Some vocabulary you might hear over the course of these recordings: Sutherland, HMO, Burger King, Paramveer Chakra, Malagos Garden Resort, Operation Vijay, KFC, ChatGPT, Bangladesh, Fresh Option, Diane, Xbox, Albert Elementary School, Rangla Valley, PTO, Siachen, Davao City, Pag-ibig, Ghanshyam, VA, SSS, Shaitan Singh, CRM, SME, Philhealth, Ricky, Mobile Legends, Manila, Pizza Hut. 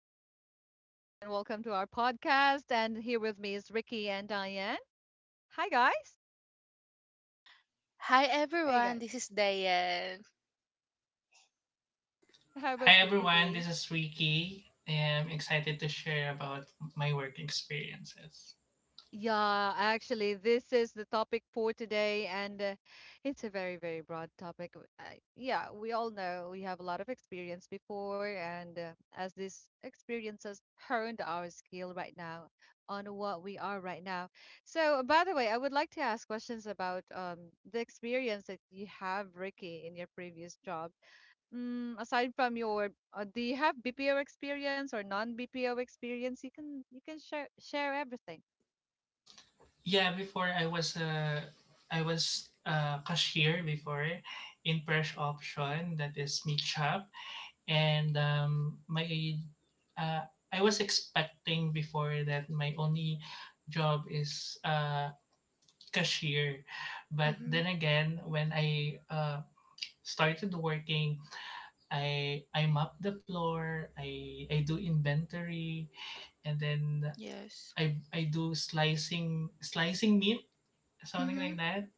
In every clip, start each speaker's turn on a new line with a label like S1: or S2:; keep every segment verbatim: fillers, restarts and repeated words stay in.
S1: This is Anna once again, and welcome to our podcast. And here with me is Ricky and Diane. Hi, guys.
S2: Hi
S1: Hey,
S2: everyone,
S1: guys.
S2: this is Diane.
S1: How
S3: Hi
S1: about you,
S3: everyone,
S1: Ricky?
S3: this is Ricky. I'm excited to share about my work experiences.
S1: Yeah, actually, this is the topic for today, and uh, it's a very, very broad topic. W- Uh, yeah, we all know we have a lot of experience before, and uh, as this experiences has honed our skill right now on what we are right now. So, by the way, I would like to ask questions about um, the experience that you have, Ricky, in your previous job. Mm, aside from your, uh, do you have B P O experience or non-B P O experience? You can you can share share everything.
S3: Yeah, before I was a, I was a cashier before in Fresh Option, that is meat shop, and um, my uh, I was expecting before that my only job is uh, cashier, but
S2: Mhm.
S3: then again when I uh, started working. I I map the floor, I I do inventory, and then
S2: Yes.
S3: I I do slicing slicing meat, something
S2: Mhm.
S3: like that.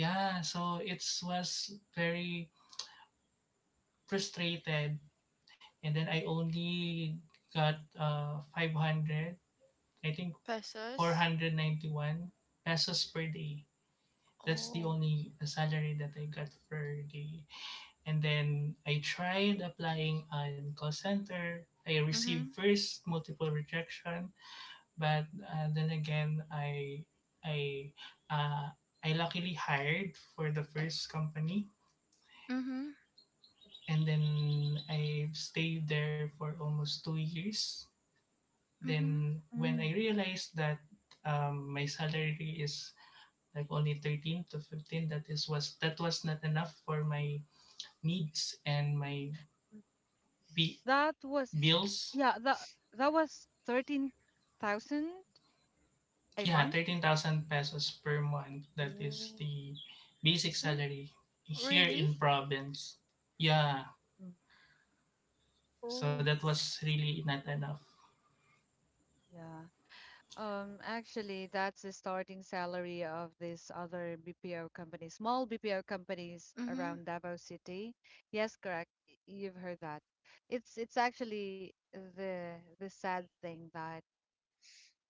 S3: Yeah, so it was very frustrated, and then I only got uh five hundred, I think four
S2: Pesos.
S3: hundred ninety one pesos per day. That's the
S2: Oh.
S3: only salary that I got per day. And then I tried applying on call center. I received
S2: Mhm.
S3: first multiple rejection, but uh, then again, I I uh, I luckily hired for the first company,
S2: Mhm.
S3: and then I stayed there for almost two years.
S2: Mhm.
S3: Then when I realized that um, my salary is like only thirteen to fifteen, that is was that was not enough for my needs and my b-
S1: That was
S3: bills.
S1: yeah, that that was thirteen thousand a
S3: Yeah,
S1: month.
S3: thirteen thousand pesos per month. That is
S1: Oh.
S3: the basic
S2: Mm.
S3: salary here
S2: Really?
S3: in province. Yeah,
S1: Mm.
S3: so
S2: Oh.
S3: that was really not enough.
S1: Yeah. Um, actually, that's the starting salary of this other B P O company, small B P O companies
S2: Mhm.
S1: around Davao City. Yes, correct. y- You've heard that. It's it's actually the the sad thing that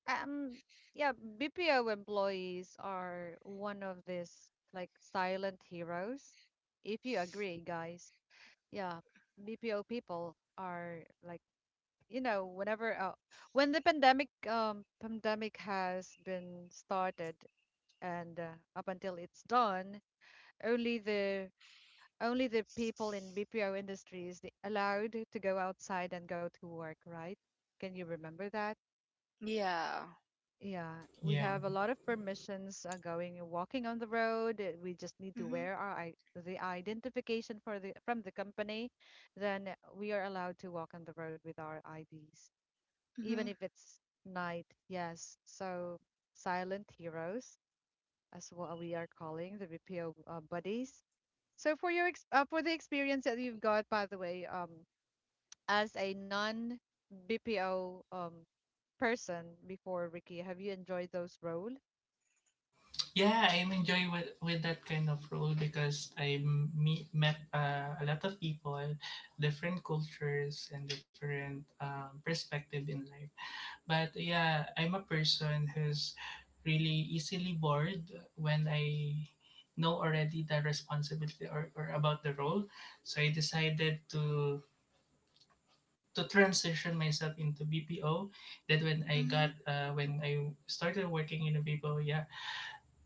S1: um yeah, B P O employees are one of these like silent heroes, if you agree, guys. Yeah, B P O people are, like, you know, whenever uh, when the pandemic um pandemic has been started and uh, up until it's done, only the only the people in B P O industries the allowed to go outside and go to work, right? Can you remember that?
S2: Yeah.
S1: Yeah, we
S3: Yeah,
S1: have a lot of permissions uh, going and walking on the road. uh, We just need to
S2: Mhm.
S1: wear our i- the identification for the from the company. Then we are allowed to walk on the road with our I Ds, even
S2: Mhm.
S1: if it's night. Yes, so silent heroes, as what we are calling the B P O uh, buddies. So for your ex uh, for the experience that you've got, by the way, um, as a non-B P O um person before, Ricky, have you enjoyed those roles?
S3: yeah, I'm enjoying with, with that kind of role because I meet, met uh, a lot of people, different cultures, and different um, perspective in life. But yeah, I'm a person who's really easily bored when I know already the responsibility, or, or about the role. So I decided to to transition myself into B P O. Then when I
S2: Mhm.
S3: got uh, when I started working in a B P O, yeah,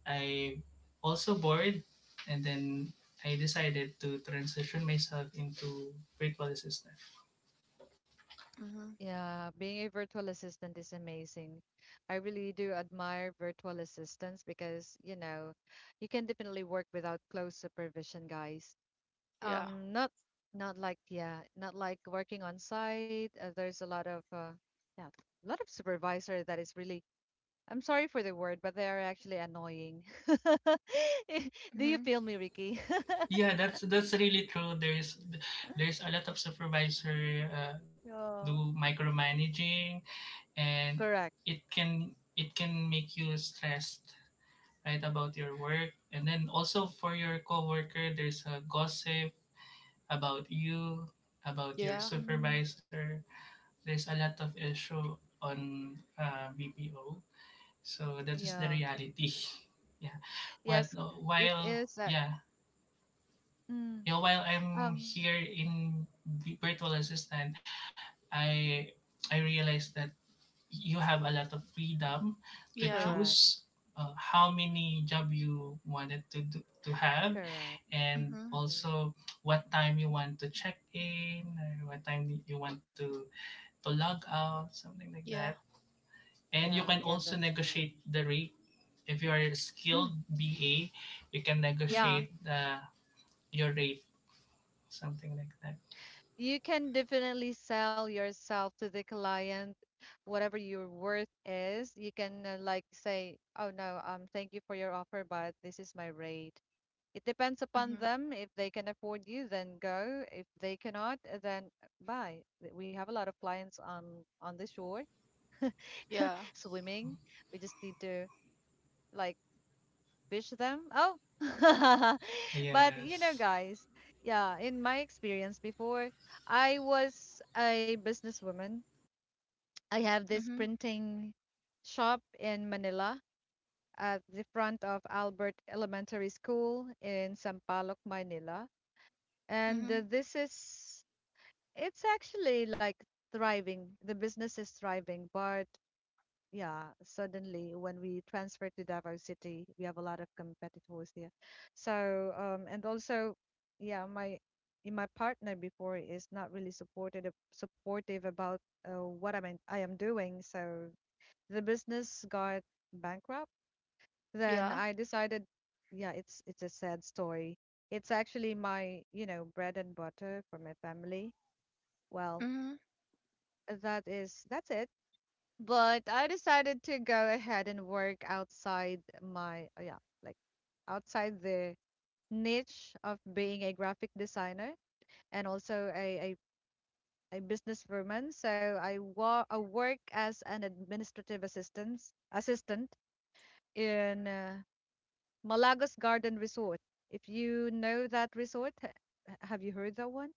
S3: I also bored, and then I decided to transition myself into virtual assistant.
S2: Mhm.
S1: Yeah, being a virtual assistant is amazing. I really do admire virtual assistants because, you know, you can definitely work without close supervision, guys.
S2: Yeah.
S1: Um, not not like yeah, not like working on site. Uh, there's a lot of uh, yeah, a lot of supervisor that is really, I'm sorry for the word, but they are actually annoying. Do you
S2: Mhm.
S1: feel me, Ricky?
S3: Yeah, that's that's really true. There's there's a lot of supervisor uh,
S1: Yeah,
S3: do micromanaging, and
S1: correct.
S3: it can it can make you stressed right about your work, and then also for your coworker there's a gossip about you, about your
S2: Yeah.
S1: Mm,
S3: supervisor. There's a lot of issue on uh, B P O, so that is the
S1: yeah.
S3: reality. yeah what
S1: Yes, it
S3: while
S1: is. Uh,
S3: yeah
S1: mm.
S3: yeah While I'm
S1: um.
S3: here in the virtual assistant, I I realized that you have a lot of freedom to
S2: Yeah.
S1: Correct,
S3: choose uh, how many job you wanted to do, to have.
S1: correct.
S3: And
S2: Mhm.
S1: hmm
S3: also what time you want to check in, or what time you want to to log out, something like
S2: Yeah.
S3: that. And you
S1: Yeah,
S3: can
S1: yeah,
S3: also
S1: that's correct.
S3: negotiate the rate if you are a skilled
S1: Mm.
S3: ba. You can
S2: Mhm.
S1: Yeah,
S3: negotiate the your rate, something like that.
S1: you can definitely sell yourself to the client, whatever your worth is. You can uh, like say, "Oh no, um, thank you for your offer, but this is my rate." It depends upon
S2: Mhm.
S1: them. If they can afford you, then go. If they cannot, uh, then bye. Th- We have a lot of clients um on the shore,
S2: Yeah.
S1: swimming. We just need to like fish them. Oh. But, you know,
S3: Yes,
S1: guys, yeah, in my experience before, I was a businesswoman. I have this
S2: Mhm.
S1: printing shop in Manila at the front of Albert Elementary School in Sampaloc, Manila. And uh,
S2: Mhm.
S1: this is, it's actually like thriving. The business is thriving, but yeah, suddenly when we transfer to Davao City, we have a lot of competitors there. So, um, and also, yeah, my in my partner before is not really supported uh, supportive about uh, what I am I am doing. So the business got bankrupt. Then
S2: Yeah.
S1: I decided, yeah, it's it's a sad story. It's actually my, you know, bread and butter for my family. Well,
S2: Mhm.
S1: that is that's it. But I decided to go ahead and work outside my, uh, yeah, like outside the niche of being a graphic designer and also a, a, a businesswoman. So I, wa- I work as an administrative assistant assistant in uh, Malagos Garden Resort. If you know that resort, ha- have you heard that one?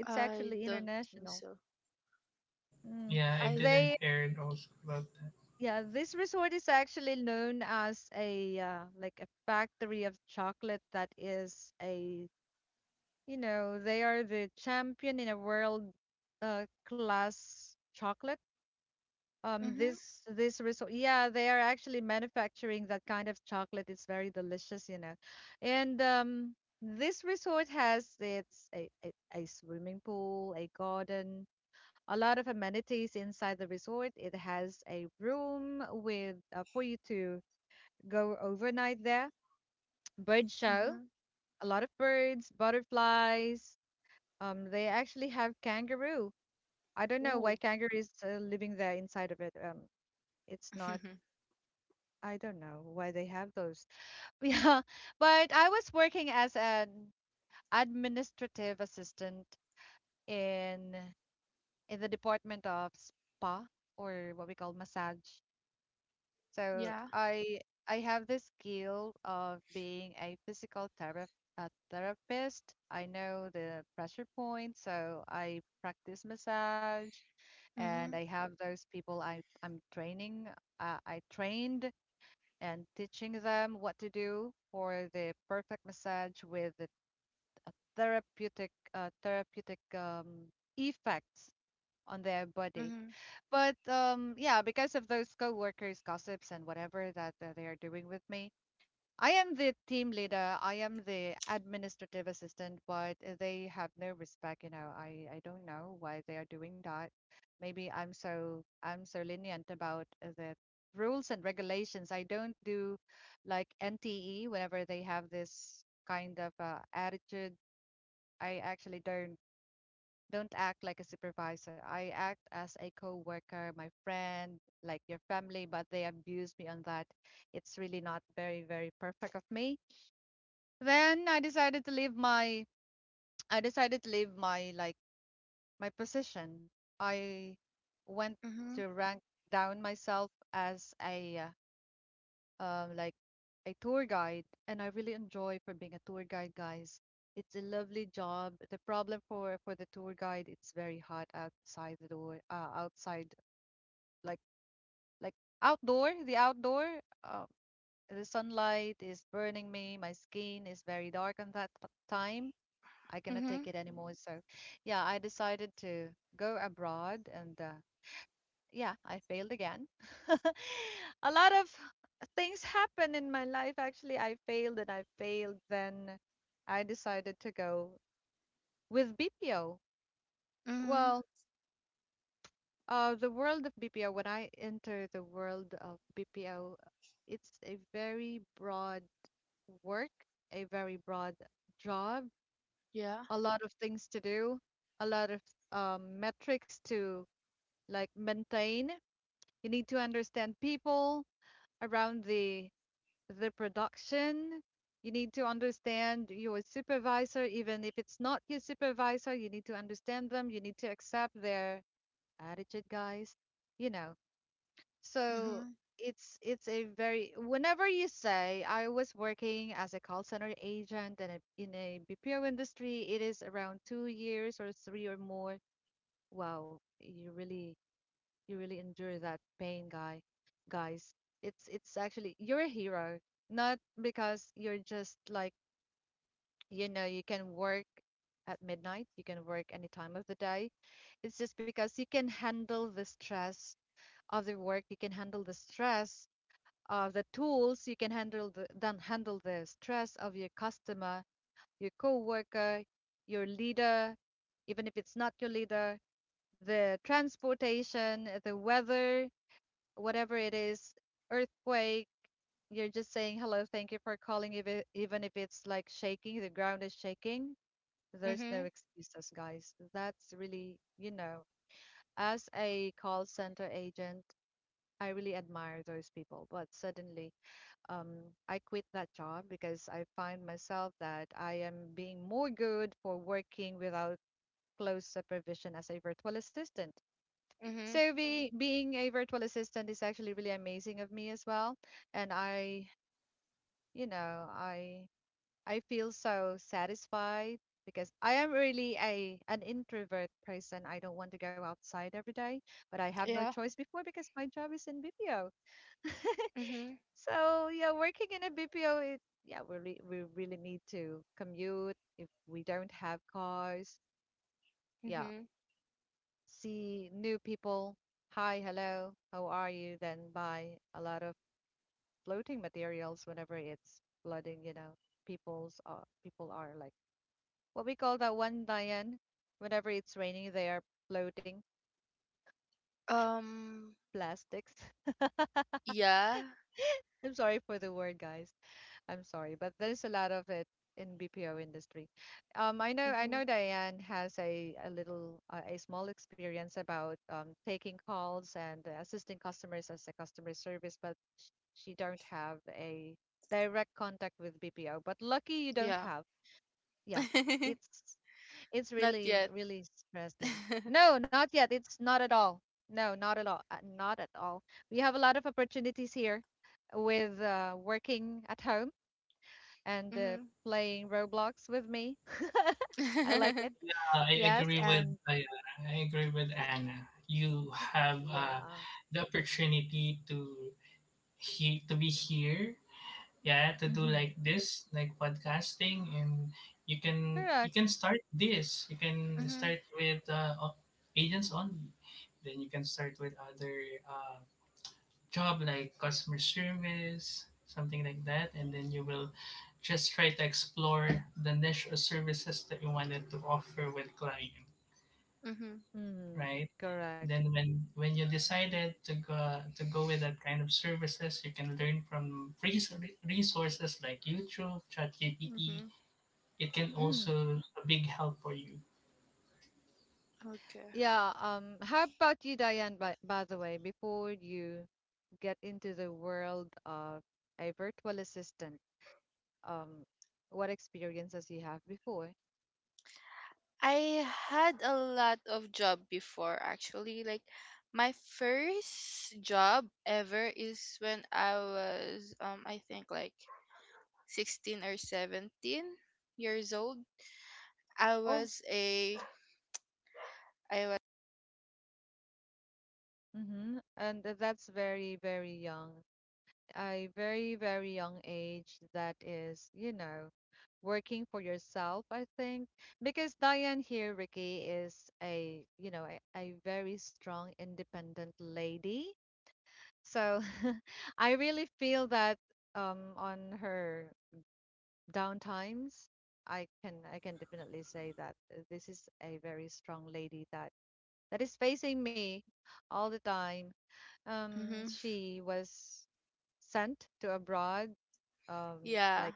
S1: It's
S2: I
S1: actually
S2: don't think
S1: international.
S2: so.
S1: Mm.
S3: yeah, I
S2: I.
S3: didn't
S1: They
S3: hear also about that.
S1: Yeah, this
S2: Mhm.
S1: resort is actually known as a, uh, like, a factory of chocolate. That is a you know they are the champion in a world uh, class chocolate. Um,
S2: Mhm.
S1: this this resort, yeah, they are actually manufacturing that kind of chocolate. It's very delicious, you know, and um, this resort has its a, a, a swimming pool, a garden, a lot of amenities inside the resort. It has a room with uh, for you to go overnight there. Bird show,
S2: Mhm.
S1: a lot of birds, butterflies. Um, they actually have kangaroo. I don't know why
S2: Ooh.
S1: kangaroo is uh, living there inside of it. Um, it's not. I don't know why they have those. Yeah, but I was working as an administrative assistant in in the department of spa, or what we call massage. So
S2: Yeah.
S1: I I have the skill of being a physical thera a therapist. I know the pressure points, so I practice massage, and I
S2: Mhm.
S1: have those people I I'm training. Uh, I trained and teaching them what to do for the perfect massage with the, a therapeutic uh, therapeutic um, effects on their body.
S2: Mhm.
S1: But um, yeah, because of those coworkers' gossips and whatever that uh, they are doing with me, I am the team leader. I am the administrative assistant, but uh, they have no respect. You know, I I don't know why they are doing that. Maybe I'm so I'm so lenient about uh, the rules and regulations. I don't do like N T E whenever they have this kind of uh, attitude. I actually don't don't act like a supervisor. I act as a coworker, my friend, like your family, but they abused me on that. It's really not very, very perfect of me. Then I decided to leave my I decided to leave my, like, my position. I went to
S2: Mhm.
S1: rank down myself as a uh, um, like a tour guide, and I really enjoy for being a tour guide, guys. It's a lovely job. The problem for for the tour guide, it's very hot outside the door, uh, outside, like like outdoor, the outdoor. Uh, the sunlight is burning me. My skin is very dark on that t- time. I cannot take
S2: Mhm.
S1: it anymore. So, yeah, I decided to go abroad and uh, yeah, I failed again. A lot of things happened in my life. Actually, I failed and I failed. Then I decided to go with B P O.
S2: Mhm.
S1: Well, uh, the world of B P O, when I enter the world of B P O, it's a very broad work, a very broad job,
S2: Yeah.
S1: a lot of things to do, a lot of um, metrics to like maintain. You need to understand people around the the production. You need to understand your supervisor, even if it's not your supervisor, you need to understand them. You need to accept their attitude, guys. You know, so
S2: Mhm.
S1: it's it's a very whenever you say I was working as a call center agent and a- in a B P O industry, it is around two years or three or more. Wow, you really you really endure that pain, guy. Guys, it's it's actually you're a hero, not because you're just like, you know, you can work at midnight, you can work any time of the day. It's just because you can handle the stress of the work, you can handle the stress of the tools, you can handle the then handle the stress of your customer, your coworker, your leader, even if it's not your leader, the transportation, the weather, whatever it is, earthquake, you're just saying hello, thank you for calling, if it, even if it's like shaking, the ground is shaking. There's no
S2: Mhm.
S1: excuses, guys. That's really, you know, as a call center agent, I really admire those people. But suddenly, um, I quit that job because I find myself that I am being more good for working without close supervision as a virtual assistant.
S2: Mhm.
S1: So be, being a virtual assistant is actually really amazing of me as well. And I, you know, I I feel so satisfied because I am really a an introvert person. I don't want to go outside every day, but I have no
S2: Yeah.
S1: choice before because my job is in B P O.
S2: Mhm.
S1: So yeah, working in a B P O, it, yeah, we re we really need to commute if we don't have cars. Yeah,
S2: Mhm.
S1: see new people, hi, hello, how are you, then buy a lot of floating materials whenever it's flooding, you know, people's uh, people are like what we call that one, Diane, whenever it's raining, they are floating
S2: Um.
S1: plastics.
S2: Yeah.
S1: I'm sorry for the word, guys. I'm sorry, but there's a lot of it in B P O industry. Um, I know I
S2: Mhm.
S1: know Diane has a a little uh, a small experience about um, taking calls and uh, assisting customers as a customer service, but sh- she don't have a direct contact with B P O. But lucky you don't
S2: Yeah.
S1: have. Yeah, it's it's
S2: Not
S1: really
S2: yet.
S1: really stressing. No, not yet. It's not at all. No, not at all. Uh, not at all. We have a lot of opportunities here with uh, working at home and uh,
S2: Mhm.
S1: playing Roblox with me. I like it.
S3: I
S1: Yes,
S3: agree with
S1: and
S3: I, I agree with
S1: y-
S3: Anna. You have uh,
S1: yeah.
S3: the opportunity to he to be here, yeah, to do
S1: Mm-hmm.
S3: like this, like podcasting. And you can you
S1: Correct.
S3: can start this. You can
S2: Mhm.
S3: start with uh, o- agents only. Then you can start with other uh, job like customer service, something like that, and then you will just try to explore the niche or services that you wanted to offer with clients,
S2: Mhm.
S1: Mm,
S3: right?
S1: correct.
S3: Then when when you decided to go to go with that kind of services, you can learn from free s- re- resources like YouTube, ChatGPT.
S2: Mhm.
S3: It can
S1: Mm.
S3: also a big help for you.
S2: Okay.
S1: Yeah, um, how about you, Diane, by, by the way, before you get into the world of a virtual assistant, um, what experiences you have before?
S2: I had a lot of job before actually. Like my first job ever is when I was um I think like sixteen or seventeen years old. I
S1: Oh,
S2: was a I was
S1: mm-hmm. And that's very, very young. A very, very young age that is, you know, working for yourself, I think. Because Diane here, Ricky, is a, you know, a, a very strong, independent lady. So I really feel that um, on her downtimes, I can I can definitely say that uh, this is a very strong lady that that is facing me all the time. Um,
S2: hmm
S1: she was sent to abroad, um,
S2: Yeah.
S1: like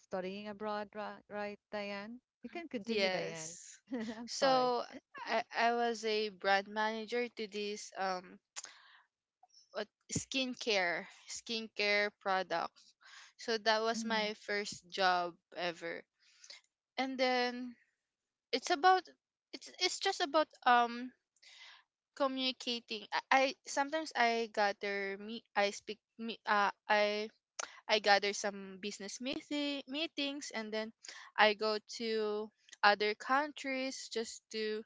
S1: studying abroad, right, right, Diane? You can continue, Diane.
S2: Yes.
S1: I'm sorry.
S2: So I I was a brand manager to this um what skincare skincare product. So that was
S1: Mm-hmm.
S2: my first job ever. And then it's about it's it's just about um communicating. I, I sometimes I gather me I speak me uh I I gather some business meeting, meetings, and then I go to other countries just to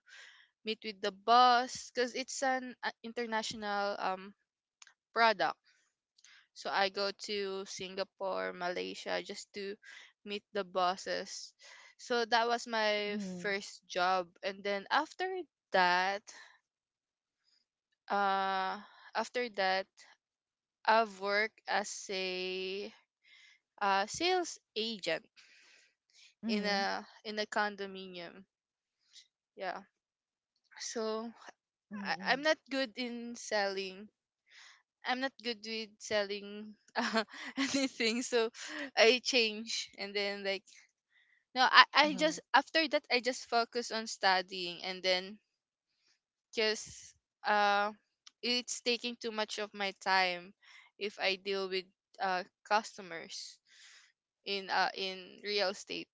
S2: meet with the boss because it's an uh, international um, product. So I go to Singapore, Malaysia just to meet the bosses. So that was my first job, and then after that uh after that I've worked as a uh, sales agent in
S1: Mm-hmm.
S2: a in a condominium. Yeah. So I,
S1: Mm-hmm.
S2: I'm not good in selling. I'm not good with selling uh, anything. So I change, and then like no, I, I
S1: Mm-hmm. Uh-huh.
S2: just after that I just focus on studying, and then just uh it's taking too much of my time if I deal with uh customers in uh in real estate.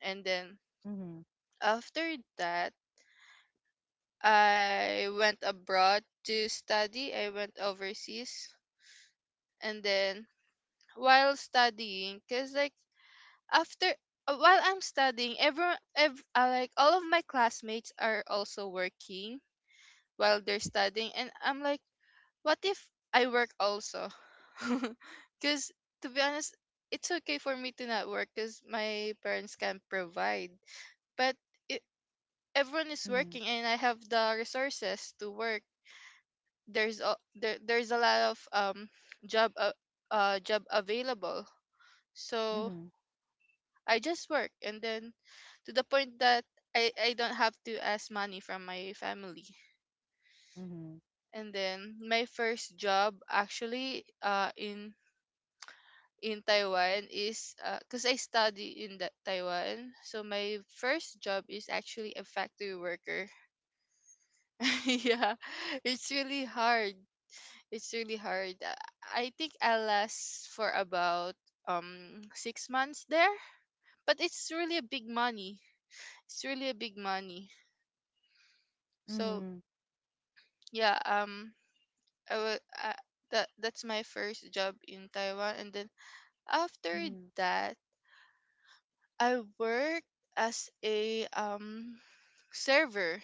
S2: And then
S1: Mm-hmm.
S2: after that I went abroad to study. I went overseas. And then while studying, because like after uh, while I'm studying, everyone, ev- uh, like all of my classmates are also working while they're studying. And I'm like, what if I work also? Because to be honest, it's okay for me to not work because my parents can provide. But it, everyone is
S1: Mm-hmm.
S2: working and I have the resources to work. There's a there, there's a lot of um job uh, uh job available. So I just work, and then to the point that i i don't have to ask money from my family.
S1: Mm-hmm.
S2: And then my first job actually uh in in Taiwan is, because I study in the Taiwan, so my first job is actually a factory worker. Yeah, it's really hard. It's really hard. Uh, I think I last for about um six months there, but it's really a big money. It's really a big money. So
S1: Mm-hmm.
S2: yeah, um, I will. Uh, that that's my first job in Taiwan, and then after
S1: Mm-hmm.
S2: that, I worked as a um server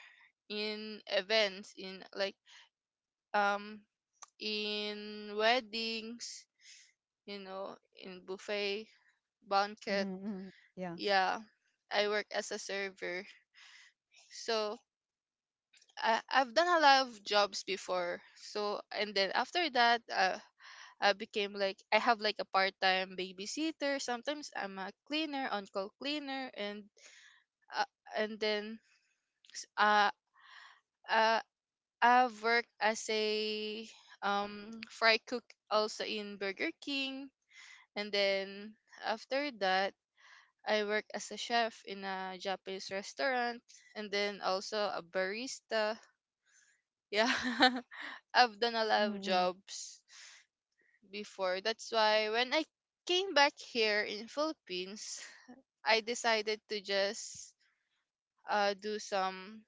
S2: in events, in like um in weddings, you know, in buffet,
S1: Mm-hmm.
S2: banquet.
S1: Mm-hmm. Yeah.
S2: Yeah, I work as a server. So I, I've done a lot of jobs before. So and then after that, uh, I became like I have like a part-time babysitter. Sometimes I'm a cleaner, on-call cleaner, and uh, and then s- uh, uh I've worked as a um fry cook also in Burger King, and then after that I work as a chef in a Japanese restaurant, and then also a barista. Yeah, I've done a lot of
S1: Mm-hmm.
S2: jobs before. That's why when I came back here in Philippines, I decided to just uh, do some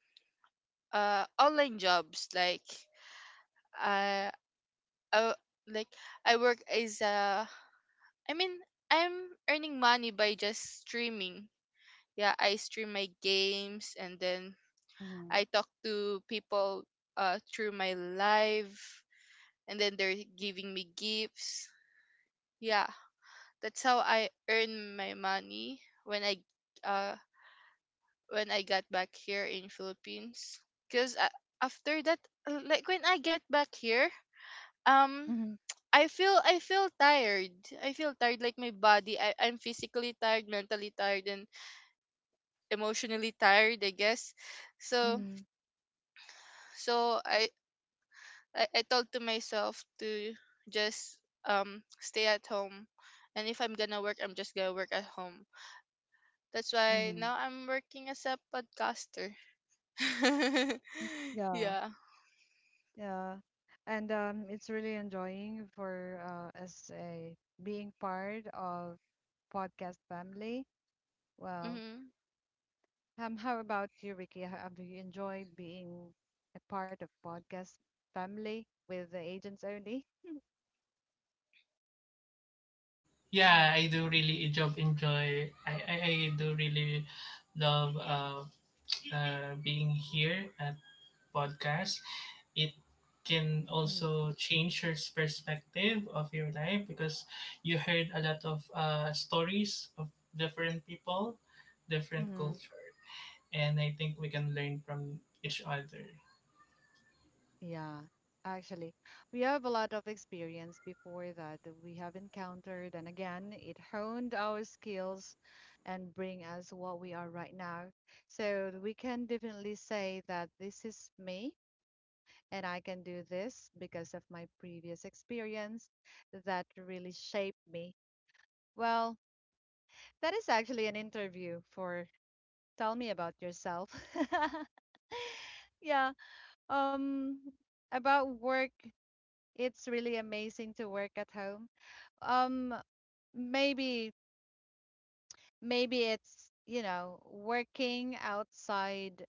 S2: uh, online jobs. Like uh, I like I work as a I mean I'm earning money by just streaming. Yeah, I stream my games, and then
S1: Mm-hmm.
S2: I talk to people uh, through my live, and then they're giving me gifts. Yeah, that's how I earn my money when I uh when I got back here in Philippines. Cause uh, after that, uh, like when I get back here, um,
S1: Mm-hmm.
S2: I feel I feel tired. I feel tired, like my body. I I'm physically tired, mentally tired, and emotionally tired, I guess. So
S1: Mm-hmm.
S2: so I I, I told to myself to just um stay at home, and if I'm gonna work I'm just gonna work at home. That's why
S1: Mm-hmm.
S2: now I'm working as a podcaster.
S1: Yeah.
S2: Yeah.
S1: Yeah. And um, it's really enjoying for uh, as a being part of podcast family. Well,
S2: Mm-hmm.
S1: um, how about you, Ricky? How, do you enjoy being a part of podcast family with the agents only? Mm,
S3: Yeah, I do really job enjoy. I I, I do really love uh, uh being here at podcast. It can
S1: mm,
S3: also change your perspective of your life because you heard a lot of uh, stories of different people, different
S1: mm,
S3: culture, and I think we can learn from each other.
S1: yeah, actually, we have a lot of experience before that that we have encountered, and again, it honed our skills and bring us what we are right now. So we can definitely say that this is me. And I can do this because of my previous experience that really shaped me. Well, that is actually an interview for Tell Me About Yourself. Yeah. Um, about work, it's really amazing to work at home. Um, maybe maybe it's, you know, working outside,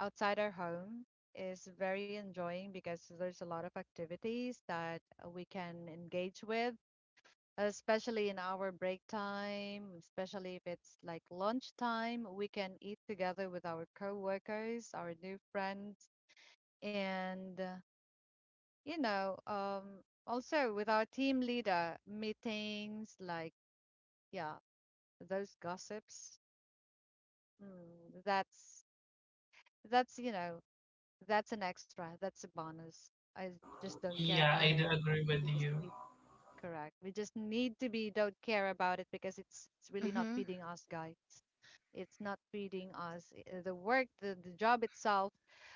S1: outside our home is very enjoying because there's a lot of activities that we can engage with, especially in our break time, especially if it's like lunchtime, we can eat together with our coworkers, our new friends, and uh, you know, um, also with our team leader meetings, like yeah, those gossips. Mm, that's that's you know, that's an extra, that's a bonus. I just don't care
S3: Yeah,
S1: about
S3: I
S1: it.
S3: do agree with
S1: We just
S3: you.
S1: need correct. We just need to be don't care about it because it's it's really not
S2: Mm-hmm.
S1: feeding us, guys. It's not feeding us. uh, The work, the, the job itself,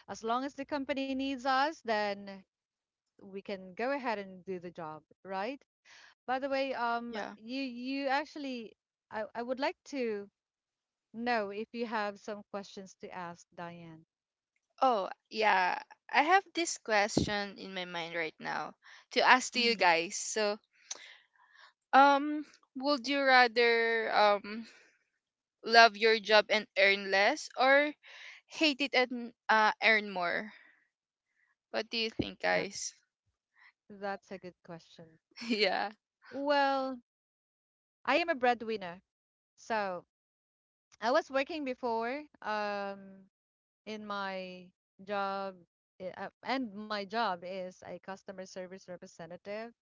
S1: as long as the company needs us, then we can go ahead and do the job, right? By the way, um,
S2: Yeah.
S1: you you actually, I, I would like to know if you have some questions to ask Diane.
S2: Oh, yeah. I have this question in my mind right now to ask to you
S1: Mm-hmm.
S2: guys. So, um, would you rather um love your job and earn less, or hate it and uh earn more? What do you think,
S1: That's
S2: guys?
S1: that's a good question.
S2: Yeah.
S1: Well, I am a breadwinner, so I was working before. Um, in my job, i- uh, and my job is a customer service representative,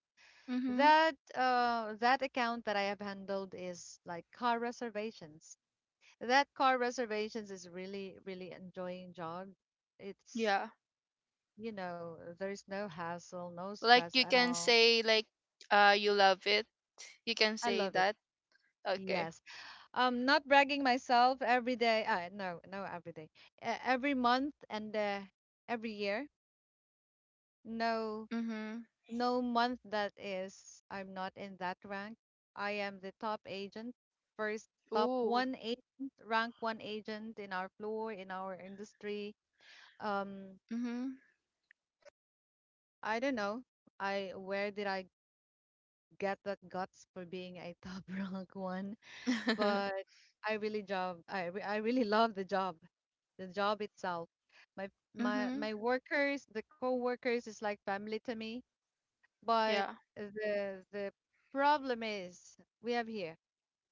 S2: Mhm.
S1: that, uh that account that I have handled is like car reservations. That car reservations is really really enjoying job. It's,
S2: Yeah.
S1: you know, there's no hassle, no
S2: Like
S1: stress
S2: you
S1: at
S2: can
S1: all.
S2: say like uh you love it. You can
S1: I
S2: say
S1: love it.
S2: that. Okay.
S1: Yes, um, not bragging myself every day, uh, no no every day, uh, every month, and uh, every year. No,
S2: Mhm.
S1: no month that is, I'm not in that rank. I am the top agent, first top
S2: Ooh.
S1: one agent, rank one agent in our floor, in our industry. Um,
S2: Mhm.
S1: I don't know. I, where did I get that guts for being a top rank one? But I really job. I re- I really love the job, the job itself. My, my
S2: Mhm.
S1: my workers, the co-workers is like family to me. But
S2: Yeah.
S1: the the problem is we have here.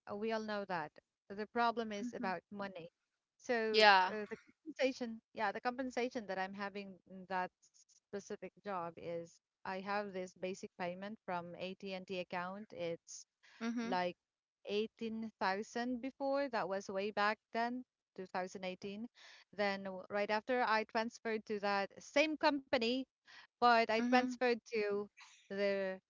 S1: Uh, We all know that. The problem is
S2: Mhm.
S1: about money. So
S2: Yeah.
S1: uh, the compensation, yeah, the compensation that I'm having in that specific job is I have this basic payment from A T and T account. It's
S2: Mhm.
S1: like eighteen thousand before. That was way back then, twenty eighteen. Then w- right after I transferred to that same company, but I
S2: Mhm.
S1: transferred to the,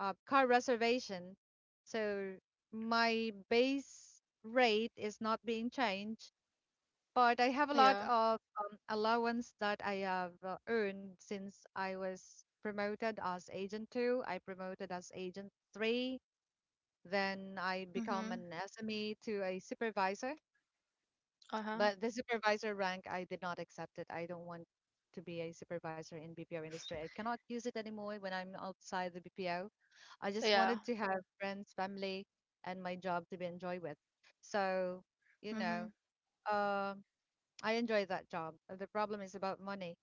S1: uh, car reservation. So my base rate is not being changed, but I have a lot
S2: Yeah.
S1: of, um, allowance that I have, uh, earned since I was promoted as agent two. I promoted as agent three. Then I become
S2: Mhm.
S1: an S M E to a supervisor.
S2: Uh-huh.
S1: But the supervisor rank, I did not accept it. I don't want to be a supervisor in B P O industry. I cannot use it anymore when I'm outside the B P O. I just
S2: Yeah.
S1: wanted to have friends, family, and my job to be enjoy with. So, you know,
S2: Mhm.
S1: um, I enjoy that job. Uh, The problem is about money.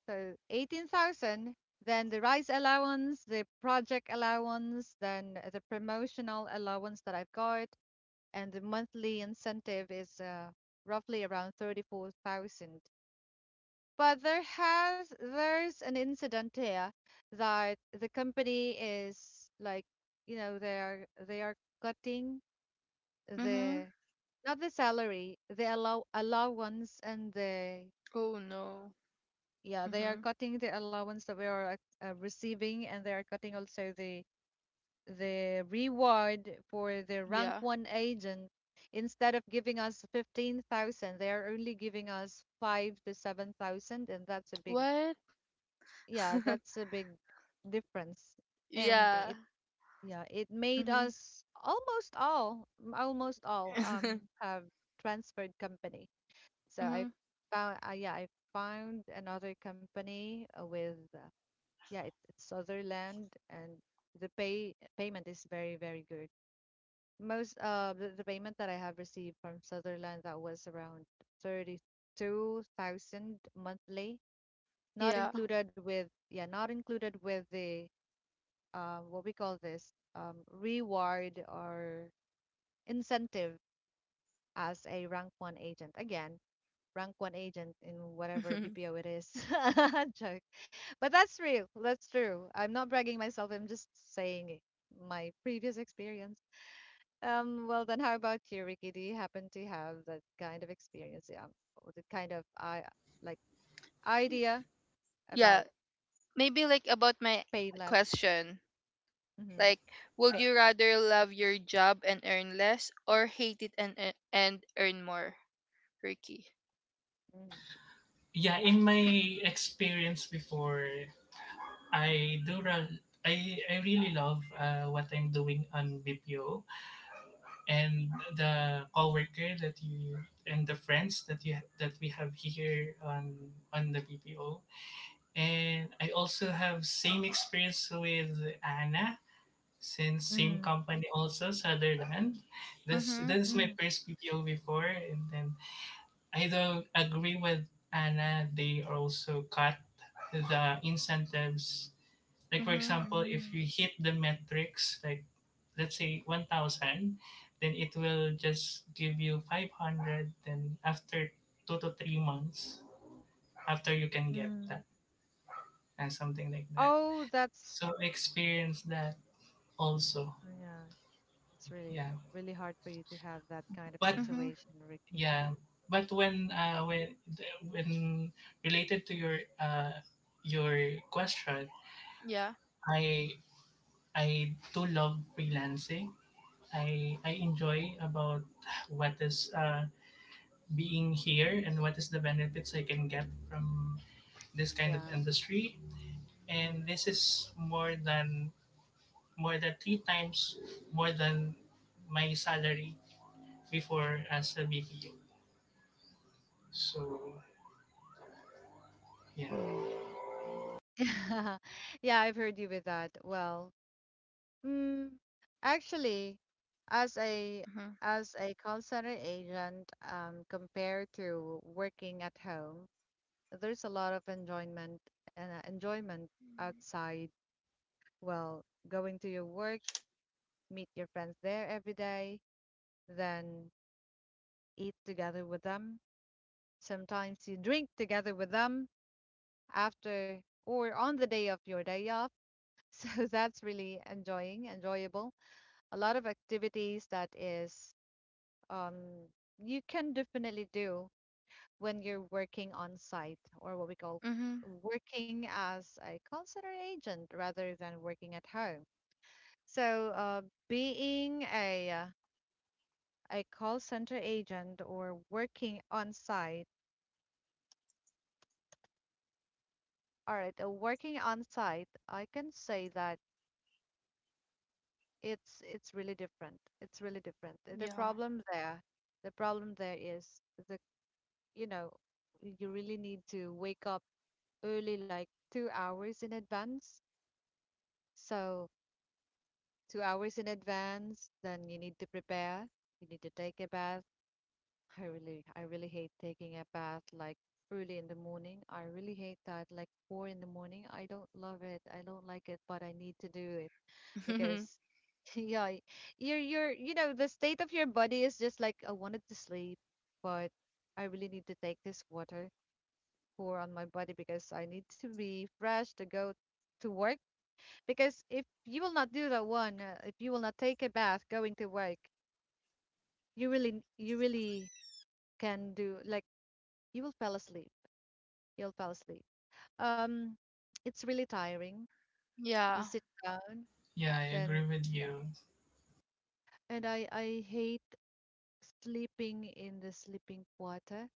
S1: So eighteen thousand, then the rise allowance, the project allowance, then the promotional allowance that I've got, and the monthly incentive is, uh, roughly around thirty-four thousand. But there has there's an incident here that the company is like, you know, they are they are cutting
S2: Mhm.
S1: the, not the salary, the allow allowance and the,
S2: Oh no.
S1: yeah, they are
S2: Mhm.
S1: cutting the allowance that we are, uh, receiving, and they are cutting also the the reward for the rank
S2: Yeah.
S1: one agent, instead of giving us fifteen thousand, they are only giving us five to seven thousand, and that's a big,
S2: What?
S1: yeah, that's a big difference. And
S2: Yeah.
S1: it, yeah, it made
S2: Mhm.
S1: us almost all, almost all, um, have transferred company. So I
S2: Mhm.
S1: found, uh, yeah, I found another company, uh, with, uh, yeah, it, it's Sutherland, and the pay payment is very, very good. Most, uh the, the payment that I have received from Sutherland, that was around thirty-two thousand monthly, not
S2: Yeah.
S1: included with, yeah, not included with the, uh, what we call this, um, reward or incentive as a rank one agent. Again, rank one agent in whatever
S2: Mhm.
S1: B P O it is. Joke. But that's real. That's true. I'm not bragging myself. I'm just saying my previous experience. Um, well then how about you, Ricky? Do you happen to have that kind of experience, yeah, or the kind of I like
S2: Y-
S1: idea about
S2: Yeah. Maybe like about my
S1: pay less?
S2: question.
S1: Mm-hmm.
S2: Like, would
S1: Pay.
S2: you rather love your job and earn less, or hate it and ear- and earn more, Ricky?
S1: Mm.
S3: Yeah, in my experience before, I do ra, I, I really love uh, what I'm doing on B P O, and the coworker that you and the friends that you that we have here on on the B P O. And I also have same experience with Anna, since same
S1: Mm,
S3: company also Sutherland. This
S2: Mhm.
S3: this is my
S1: mm,
S3: first B P O before, and then I don't agree with Anna. They also cut the incentives, like for
S2: Mhm.
S3: example, if you
S1: mm,
S3: hit the metrics, like let's say one thousand, then it will just give you five hundred. Then after two to three months, after you can get that
S1: mm.
S3: and something like that.
S1: Oh, that's,
S3: So experience that also.
S1: yeah, it's really
S3: Yeah.
S1: really hard for you to have that kind of
S3: But
S2: Mhm.
S1: situation, Ricky.
S3: yeah. But when
S1: Mm.
S3: uh, when when related to your uh, your question,
S2: Yeah.
S3: I I do love freelancing. I I enjoy about what is uh, being here and what is the benefits I can get from this kind of
S1: Yeah.
S3: industry. And this is more than more than three times more than my salary before as a B P O. So yeah,
S1: Mm. Yeah, I've heard you with that. Well, mm, actually, as a,
S2: Mhm.
S1: as a call center agent, um, compared to working at home, there's a lot of enjoyment and, uh, enjoyment outside. Well, going to your work, meet your friends there every day, then eat together with them. Sometimes you drink together with them after or on the day of your day off. So that's really enjoying, enjoyable. A lot of activities that is, um, you can definitely do when you're working on site or what we call
S2: Mhm.
S1: working as a call center agent rather than working at home. So, uh, being a, uh, a call center agent or working on site, all right, uh, working on site, I can say that it's it's really different. It's really different. The the
S2: Yeah.
S1: problem there, the problem there is the, you know, you really need to wake up early, like two hours in advance. So, two hours in advance, then you need to prepare. You need to take a bath. I really, I really hate taking a bath like early in the morning. I really hate that, like four in the morning. I don't love it. I don't like it, but I need to do it because, yeah, y- you're, you're, you know, the state of your body is just like, I wanted to sleep, but I really need to take this water pour on my body because I need to be fresh to go to work, because if you will not do that one, uh, if you will not take a bath going to work, you really, n- you really can do like, you will fall asleep. You'll fall asleep. Um, it's really tiring. You
S2: Yeah.
S1: sit down,
S3: yeah, I
S1: then,
S3: agree with you.
S1: and i i hate sleeping in the sleeping quarter.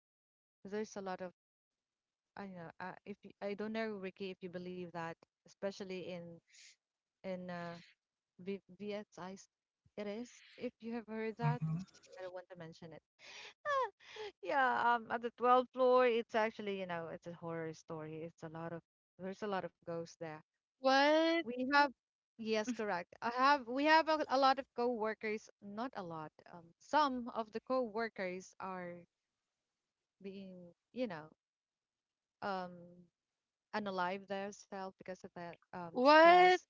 S1: There's a lot of, I don't know, uh, if you, I don't know, Ricky, if you believe that, especially in, in uh, v- V S I, it is, if you have heard that.
S3: Hmm.
S1: I don't want to mention it. Yeah, um, at the twelfth floor, it's actually, you know, it's a horror story. It's a lot of, there's a lot of ghosts there.
S2: What?
S1: We have, yes, correct. I have, we have a, a lot of co-workers, not a lot. Um, some of the co-workers are being, you know, um, unalive themselves because of that um stress.
S2: What?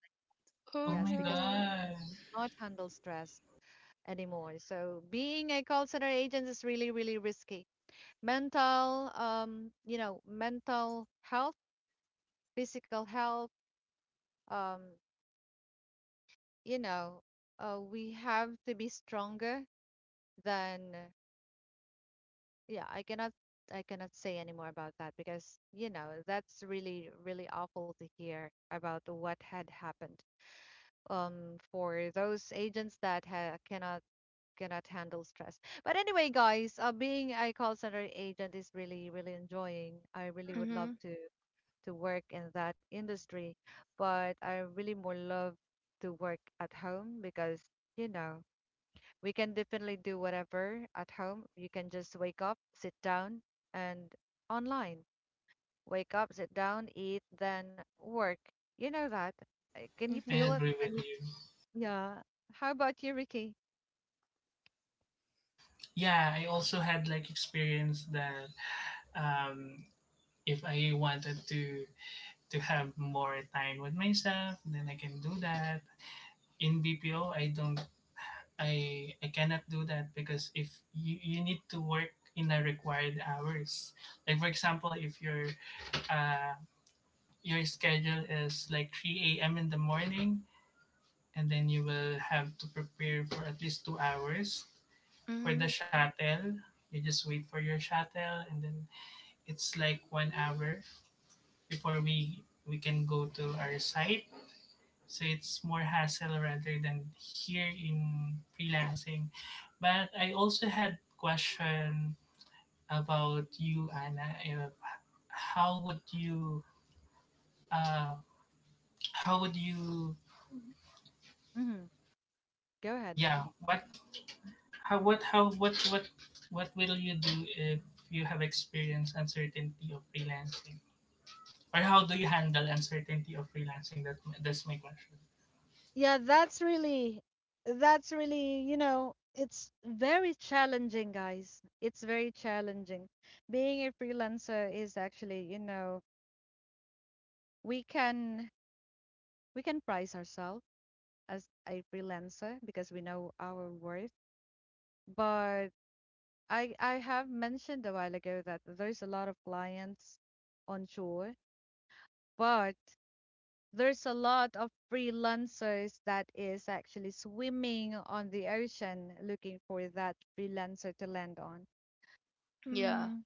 S2: Oh
S3: Oh
S1: Yes,
S3: my
S1: because of the
S2: no.
S1: stress,
S3: god,
S1: they cannot handle stress anymore. So being a call center agent is really, really risky. Mental, um, you know, mental health, physical health, um, you know, uh, we have to be stronger than, yeah, i cannot I cannot say any more about that because, you know, that's really really awful to hear about what had happened, um, for those agents that ha- cannot, cannot handle stress. But anyway, guys, uh, being a call center agent is really really enjoying. I really would love
S2: Mhm.
S1: to to work in that industry, but I really more love to work at home because, you know, we can definitely do whatever at home. You can just wake up, sit down, and online. Wake up, sit down, eat, then work. You know that. Uh, Can you
S3: I
S2: Mhm.
S1: feel it?
S3: agree with
S1: Can you?
S3: you.
S1: Yeah. How about you, Ricky?
S3: Yeah, I also had like experience that um, if I wanted to to have more time with myself, then I can do that. In B P O, I don't, I, I cannot do that because if you, you need to work in the required hours. Like for example, if your uh, your schedule is like three a m in the morning, and then you will have to prepare for at least two hours for the
S2: Mhm.
S3: shuttle. You just wait for your shuttle, and then it's like one hour before we we can go to our site, so it's more hassle rather than here in freelancing. But I also had question about you, Anna. If, how would you uh, how would you
S1: Hmm. Go ahead,
S3: yeah
S1: Ricky.
S3: what how what how what what what will you do if you have experienced uncertainty of freelancing, or how do you handle uncertainty of freelancing? That that's my question.
S1: Yeah, that's really, that's really, you know, it's very challenging, guys. It's very challenging. Being a freelancer is actually, you know, we can we can price ourselves as a freelancer because we know our worth. But I I have mentioned a while ago that there's a lot of clients onshore, but there's a lot of freelancers that is actually swimming on the ocean looking for that freelancer to land on.
S2: Yeah.
S1: Hmm.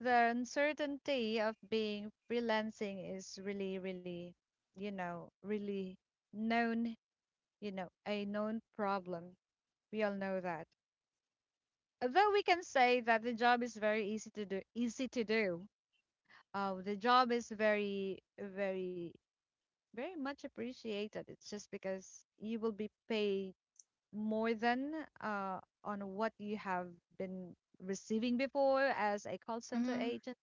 S1: The uncertainty of being freelancing is really, really, you know, really known, you know, a known problem. We all know that. Although we can say that the job is very easy to do, easy to do. Uh, the job is very, very very much appreciated. It's just because you will be paid more than uh, on what you have been receiving before as a call center
S2: Mhm.
S1: agent,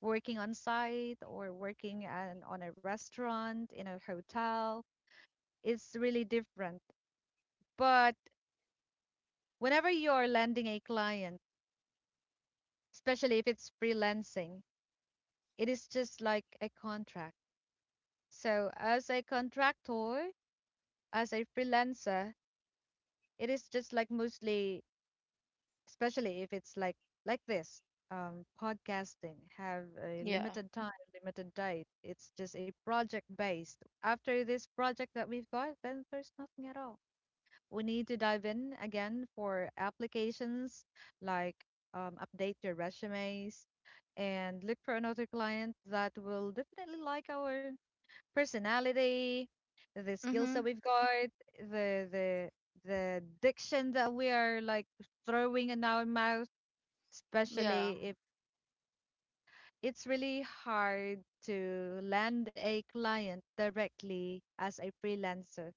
S1: working on site or working an, on a restaurant, in a hotel. It's really different. But whenever you're landing a client, especially if it's freelancing, it is just like a contract. So, as a contractor, as a freelancer, it is just like mostly, especially if it's like like this um, podcasting, have a
S2: Yeah.
S1: limited time, limited date. It's just a project based. After this project that we've got, then there's nothing at all. We need to dive in again for applications, like um, update your resumes and look for another client that will definitely like our personality, the skills that
S2: Mhm.
S1: we've got, the the the diction that we are like throwing in our mouth,
S2: Yeah.
S1: especially if it's really hard to land a client directly as a freelancer.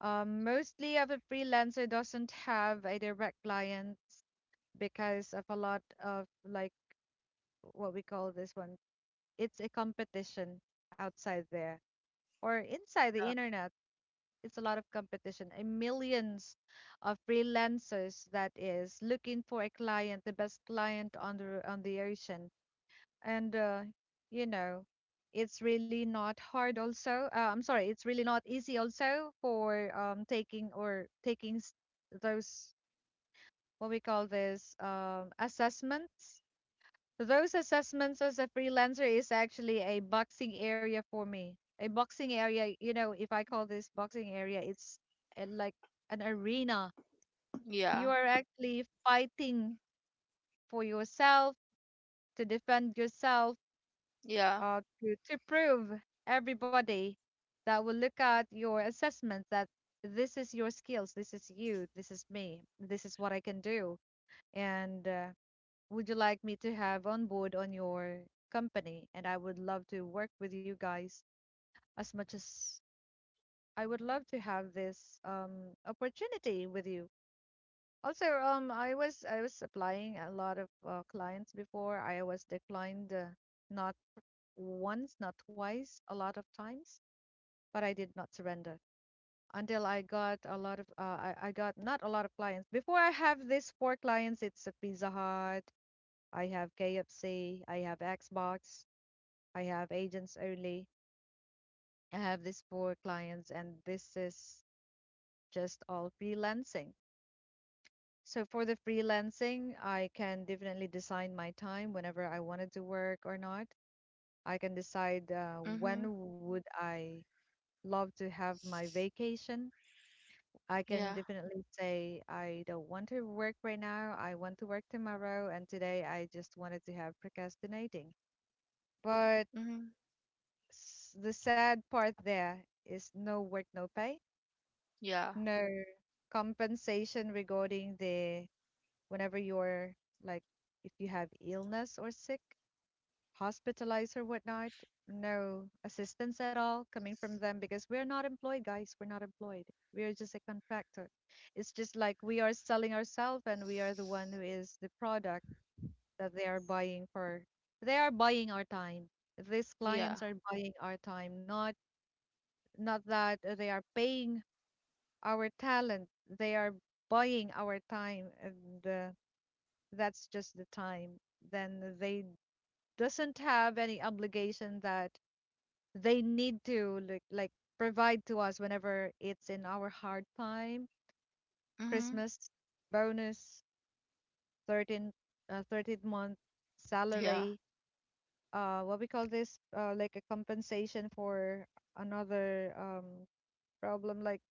S1: Um, mostly of a freelancer doesn't have a direct client because of a lot of like what we call this one. It's a competition outside there or inside the internet. It's a lot of competition, a millions of freelancers that is looking for a client, the best client on the on the ocean. And uh, you know, it's really not hard also uh, I'm sorry, it's really not easy also for um, taking or taking s- those what we call this um, assessments. Those assessments as a freelancer is actually a boxing area for me, a boxing area. You know, if I call this boxing area, it's uh, like an arena. You
S2: Yeah.
S1: are actually fighting for yourself, to defend yourself,
S2: Yeah.
S1: uh, to, to prove everybody that will look at your assessment that this is your skills, this is you, this is me, this is what I can do. And uh, would you like me to have on board on your company? And I would love to work with you guys as much as I would love to have this um, opportunity with you. Also, um, I was I was applying a lot of uh, clients before. I was declined uh, not once, not twice, a lot of times. But I did not surrender until I got a lot of uh, I, I got not a lot of clients. Before, I have this four clients. It's a Pizza Hut, I have K F C, I have Xbox, I have agents only. I have these four clients and this is just all freelancing. So for the freelancing, I can definitely design my time whenever I wanted to work or not. I can decide uh, when
S2: Mhm.
S1: would I love to have my vacation. I can
S2: Yeah.
S1: definitely say I don't want to work right now. I want to work tomorrow, and today I just wanted to have procrastinating. But
S2: Mhm.
S1: s- the sad part, there is no work, no pay,
S2: Yeah.
S1: no compensation regarding the whenever you're like if you have illness or sick, hospitalized or whatnot. No assistance at all coming from them because we're not employed, guys. We're not employed. We are just a contractor. It's just like we are selling ourselves and we are the one who is the product that they are buying for. They are buying our time. These
S2: Yeah.
S1: clients are buying our time, not not that uh, they are paying our talent. They are buying our time and uh, that's just the time. Then they doesn't have any obligation that they need to like, like provide to us whenever it's in our hard time.
S2: Mhm.
S1: Christmas bonus, thirteenth, uh, thirteenth month
S2: Yeah.
S1: salary, uh what we call this, uh, like a compensation for another um problem like,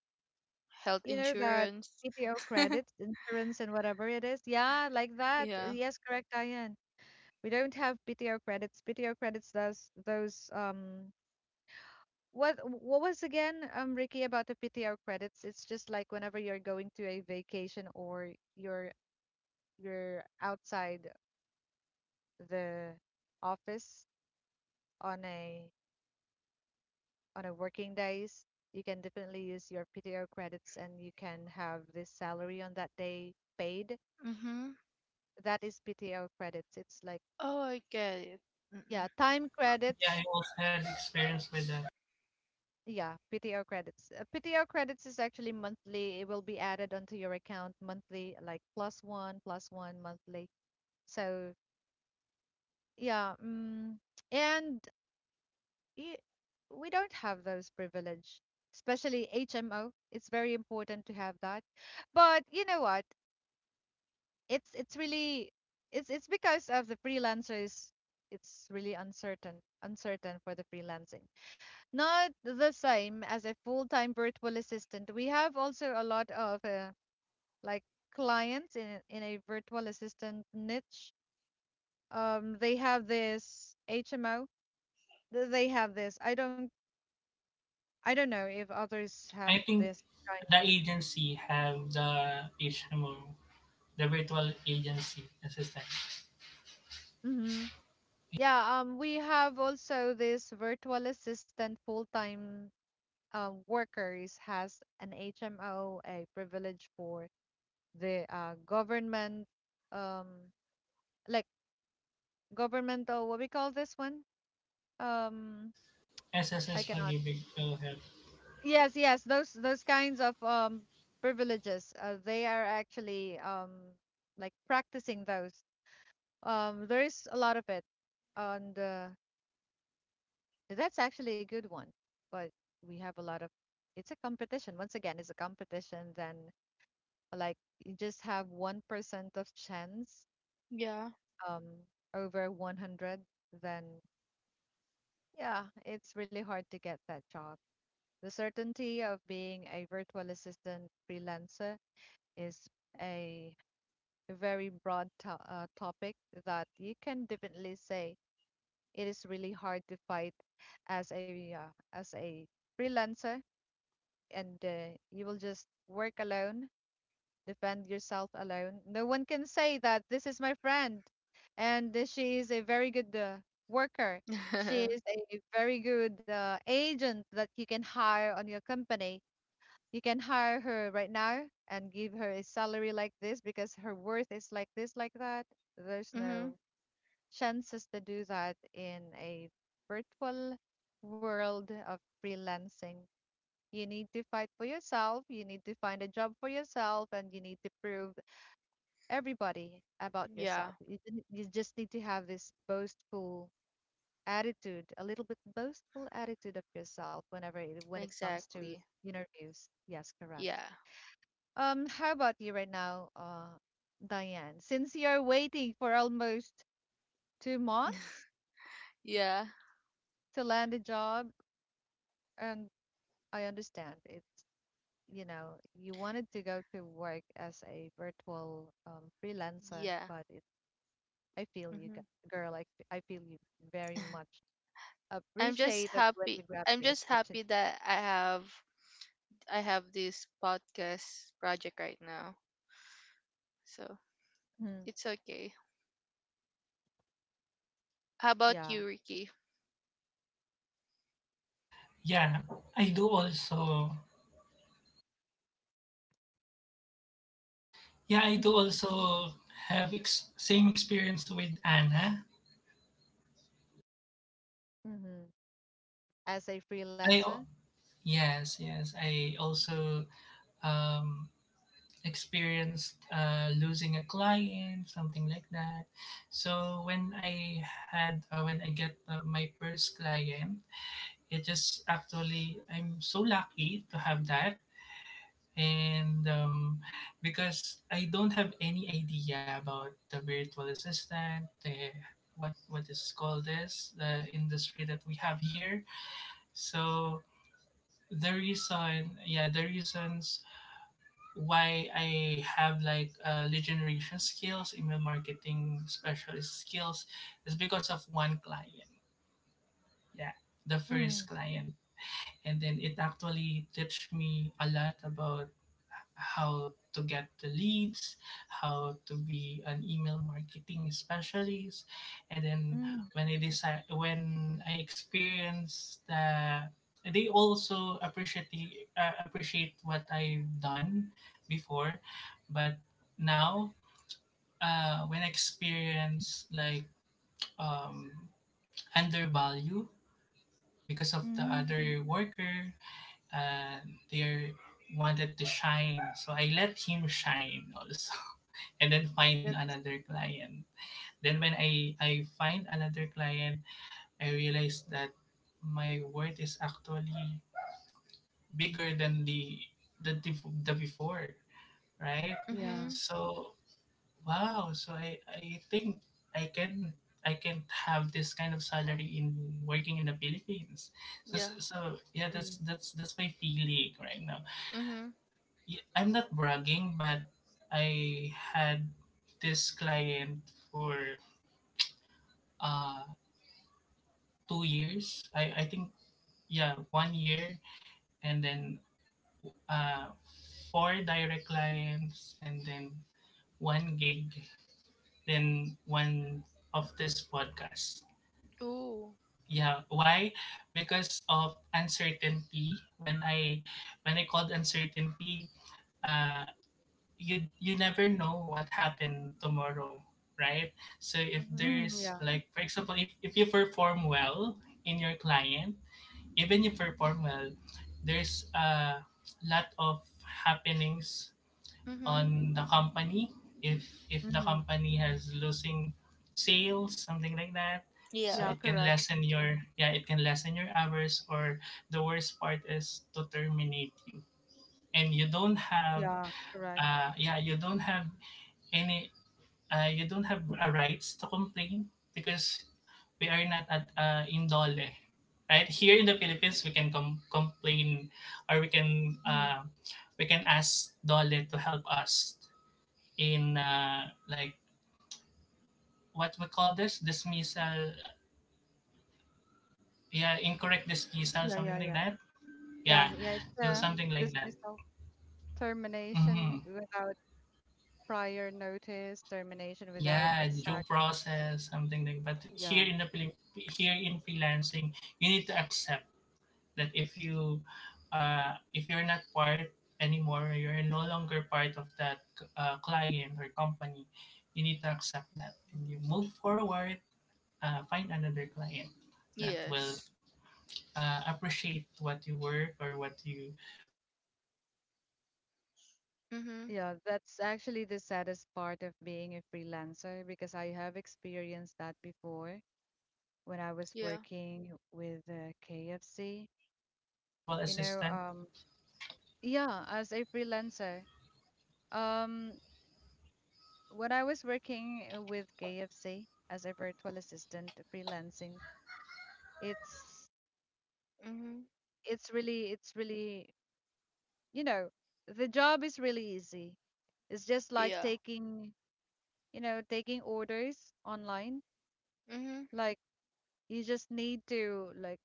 S2: Health
S1: you know, that
S2: insurance.
S1: P T O credits, insurance and whatever it is, yeah, like that,
S2: Yeah.
S1: yes, correct, Diane. We don't have P T O credits. P T O credits does those um What what was again, um, Ricky, about the P T O credits? It's just like whenever you're going to a vacation or you're you're outside the office on a on a working days, you can definitely use your P T O credits and you can have this salary on that day paid.
S2: Mm-hmm.
S1: That is P T O credits. It's like
S2: Oh, I get it.
S1: yeah,
S2: Mm-mm.
S1: time
S3: Yeah,
S1: credits.
S3: I also had experience with that.
S1: Yeah, P T O credits. Uh, P T R credits is actually monthly. It will be added onto your account monthly, like plus one, plus one monthly. So yeah, mm, and y- we don't have those privilege, especially H M O. It's very important to have that. But you know what? It's it's really it's it's because of the freelancers. It's really uncertain, uncertain for the freelancing. Not the same as a full-time virtual assistant. We have also a lot of uh, like clients in in a virtual assistant niche. Um, they have this H M O, th- they have this. I don't I don't know if others have
S3: I think
S1: this kind.
S3: the agency have the H M O, the virtual agency assistant.
S1: Hmm. Yeah, um we have also this virtual assistant full-time um workers has an H M O, a privilege for the uh government, um like governmental, what we call this one? Um, I
S3: S S S
S1: cannot.
S3: Pag-ibig Philhealth.
S1: Yes, yes, those those kinds of um privileges. Uh, they are actually um like practicing those. Um, there's a lot of it, and uh, that's actually a good one. But we have a lot of. It's a competition. Once again, it's a competition. Then, like, you just have one percent of chance.
S2: Yeah.
S1: Um, over one hundred, then yeah, it's really hard to get that job. The certainty of being a virtual assistant freelancer is a very broad to uh, topic that you can definitely say. It is really hard to fight as a uh, as a freelancer, and uh, you will just work alone, defend yourself alone. No one can say that this is my friend, and uh, she is a very good uh, worker. She is a very good uh, agent that you can hire on your company. You can hire her right now and give her a salary like this because her worth is like this, like that. There's no
S2: Mm-hmm.
S1: chances to do that in a virtual world of freelancing. You need to fight for yourself, you need to find a job for yourself, and you need to prove everybody about
S2: Yeah,
S1: yourself. You, didn't- you just need to have this boastful attitude, a little bit boastful attitude of yourself whenever it, when it comes to
S2: exactly.
S1: interviews. Yes, correct.
S2: Yeah.
S1: Um, how about you right now, uh, Diane? Since you're waiting for almost two months
S2: Yeah.
S1: to land a job, and I understand it. You know, you wanted to go to work as a virtual um, freelancer,
S2: Yeah.
S1: but it, I feel you,
S2: Mm-hmm.
S1: g- girl. I, f- I feel you very much
S2: I'm just
S1: appreciated when
S2: happy.
S1: you grab
S2: I'm
S1: the
S2: just
S1: opportunity.
S2: happy that I have I have this podcast project right now. So,
S1: Mhm.
S2: it's okay. How about
S1: Yeah.
S2: you, Ricky?
S3: Yeah, I do also. Yeah, I do
S1: Hmm.
S3: also have ex- same experience with Anna.
S1: Hmm. As a
S3: I
S1: freelancer,
S3: al- yes, yes. I also um, experienced uh, losing a client, something like that. So when I had uh, when I get uh, my first client, it just actually I'm so lucky to have that. And um, because I don't have any idea about the virtual assistant, the what what is called this, the industry that we have here. So the reason yeah the reasons why I have like uh, lead generation skills, email marketing specialist skills is because of one client. Yeah, the
S1: Mm,
S3: first client. And then it actually teach me a lot about how to get the leads, how to be an email marketing specialist. And then
S1: mm,
S3: when I decide when i experience the, they also appreciate the, uh, appreciate what I've done before. But now, uh, when I experience like um undervalue because of the
S1: mm.
S3: other worker, and they wanted to shine. So I let him shine also and then find
S1: that's
S3: another client. Then when I, I find another client, I realized that my worth is actually bigger than the the, dif- the before, right?
S2: Mm-hmm.
S1: yeah,
S3: So wow, so I, I think I can I can have this kind of salary in working in the Philippines. So,
S2: Yeah.
S3: so so, yeah,
S1: mm,
S3: that's that's that's my feeling right now.
S2: Mm-hmm.
S3: y- I'm not bragging, but I had this client for uh two years. I I think yeah, one year, and then uh four direct clients, and then one gig, then one of this podcast.
S2: Ooh.
S3: Yeah, why? Because of uncertainty. When I when I called uncertainty, uh, you you never know what happened tomorrow, right? So if
S2: Mm-hmm.
S1: hmm
S3: there's
S1: yeah.
S3: like for example, if, if you perform well in your client, even you perform well, there's a lot of happenings on
S2: Mm-hmm.
S3: the company. If if the
S1: Hmm.
S3: company has losing sales, something like that, so
S2: Yeah.
S1: Yeah,
S3: it can
S1: correct.
S3: lessen your, yeah, it can lessen your hours, or the worst part is to terminate you. And you don't have
S1: Yeah, correct.
S3: uh yeah you don't have any uh, you don't have a rights to complain because we are not at uh, indole, right? Here in the Philippines, we can com- complain, or we can
S1: Hmm.
S3: uh, we can ask dole to help us in uh, like what we call this dismissal, yeah, incorrect dismissal,
S1: Yeah, yeah,
S3: something like
S1: yeah.
S3: that.
S1: Yeah,
S3: Yeah,
S1: yeah. It's
S3: so
S1: a
S3: something like that.
S1: dismissal,
S3: Mm-hmm.
S1: termination without, prior notice, termination without
S3: Yeah, due
S1: exact.
S3: process, something like. But here
S1: Yeah.
S3: in the Philip- here in freelancing, you need to accept that if you uh, if you're not part anymore, you're no longer part of that uh, client or company, you need to accept that and
S1: Mhm.
S3: you move forward, uh, find another client that will
S2: Yes.
S3: uh, appreciate what you work or what you, what your ex- ex- experience and
S2: Mm-hmm.
S1: Yeah, that's
S3: skills.
S1: actually the saddest part of
S3: So I
S1: being a
S3: guess uh,
S1: freelancer because
S3: what
S1: I
S3: I
S1: have
S3: can
S1: experienced that
S3: advise to
S1: before
S3: aspiring
S1: when
S3: va
S1: I was
S2: Yeah.
S3: or
S1: working
S3: virtual
S1: with
S3: assistant.
S1: uh, K F C. You know, um, yeah, as a freelancer. Um, when I was working uh, with K F C as a virtual assistant freelancing, it's
S2: Mm-hmm.
S1: it's really it's really, you know, the job is really easy. It's just like
S2: Yeah.
S1: taking, you know, taking orders online.
S2: Mm-hmm.
S1: Like you just need to like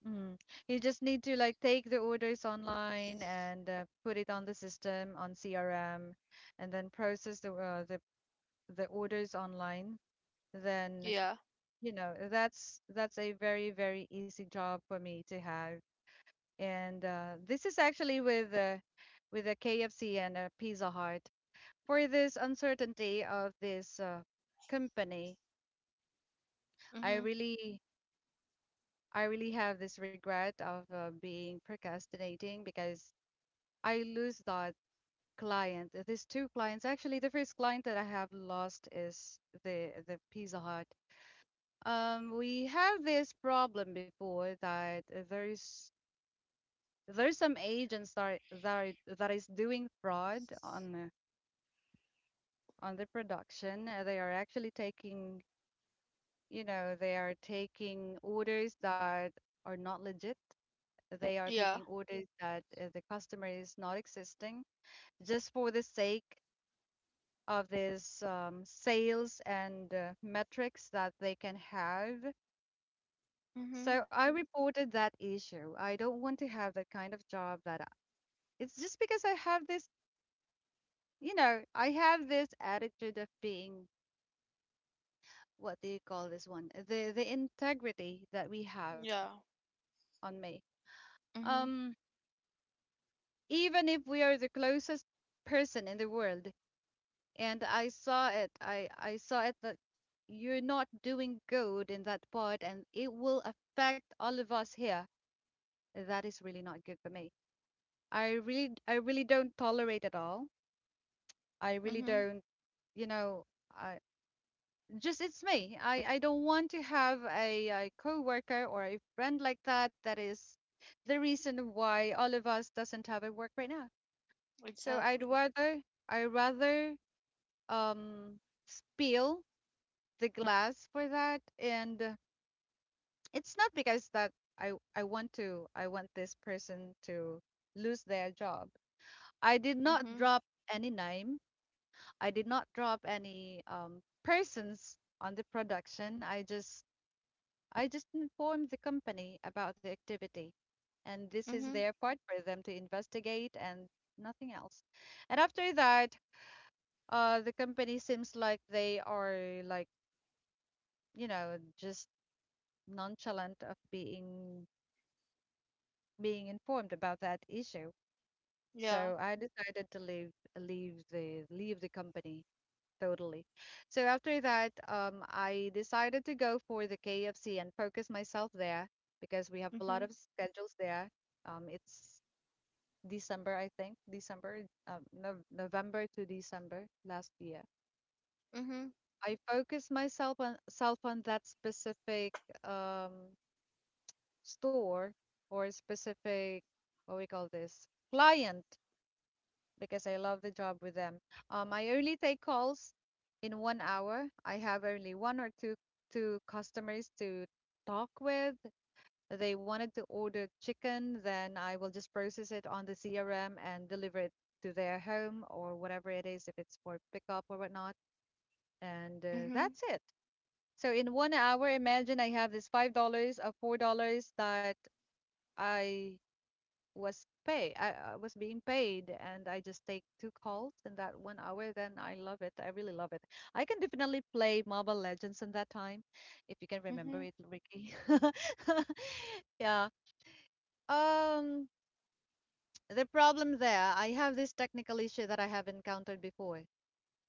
S1: mm, you just need to like take the orders online and uh, put it on the system on C R M and then process the uh, the the orders online. Then
S2: Yeah.
S1: you know, that's that's a very very easy job for me to have. And uh, this is actually with uh, with a K F C and a Pizza Hut. For this uncertainty of this uh, company,
S2: Mm-hmm.
S1: I really I really have this regret of uh, being procrastinating because I lose that client. Uh, These two clients, actually, the first client that I have lost is the the Pizza Hut. Um, we have this problem before that uh, there's there's some agents that are- that are- that is doing fraud on the on the production. Uh, They are actually taking, you know, they are taking orders that are not legit. They are
S2: Yeah.
S1: taking orders that uh, the customer is not existing, just for the sake of this um, sales and uh, metrics that they can have.
S2: Mhm.
S1: So I reported that issue. I don't want to have that kind of job that I- it's just because I have this, you know, I have this attitude of being what do you call this one? The the integrity that we have
S2: Yeah.
S1: on me.
S2: Mhm.
S1: Um, Even if we are the closest person in the world, and I saw it. I I saw it that you're not doing good in that part, and it will affect all of us here. That is really not good for me. I really I really don't tolerate at all. I really
S2: Mhm.
S1: don't, you know, I just it's me. I I don't want to have a, a coworker or a friend like that. That is the reason why all of us doesn't have a work right now. So I'd
S2: Exactly.
S1: rather I rather um spill the glass for that and uh, it's not because that I I want to I want this person to lose their job. I did not
S2: Mhm.
S1: drop any name. I did not drop any um persons on the production. I just I just informed the company about the activity and this is
S2: Mhm.
S1: their part for them to investigate and nothing else. And after that, uh the company seems like they are like, you know, just nonchalant of being being informed about that issue.
S2: Yeah.
S1: So I decided to leave leave the leave the company totally. So after that, um, I decided to go for the K F C and focus myself there because we have a lot of
S2: Mhm.
S1: schedules there. Um, it's December, I think, December, um, Nov November to December last year.
S2: Mhm.
S1: I focused myself on self on that specific um store or specific what we call this client because I love the job with them. Um, I only take calls in one hour. I have only one or two two customers to talk with. They wanted to order chicken, then I will just process it on the C R M and deliver it to their home or whatever it is, if it's for pickup or whatnot. And uh, That's
S2: Mhm.
S1: it. So in one hour, imagine I have this five dollars or four dollars that I was pay I, I was being paid and I just take two calls in that one hour, then I love it, I really love it. I can definitely play Mobile Legends in that time if you can remember
S2: Mhm.
S1: it, Ricky. Yeah. um the problem there, I have this technical issue that I have encountered before.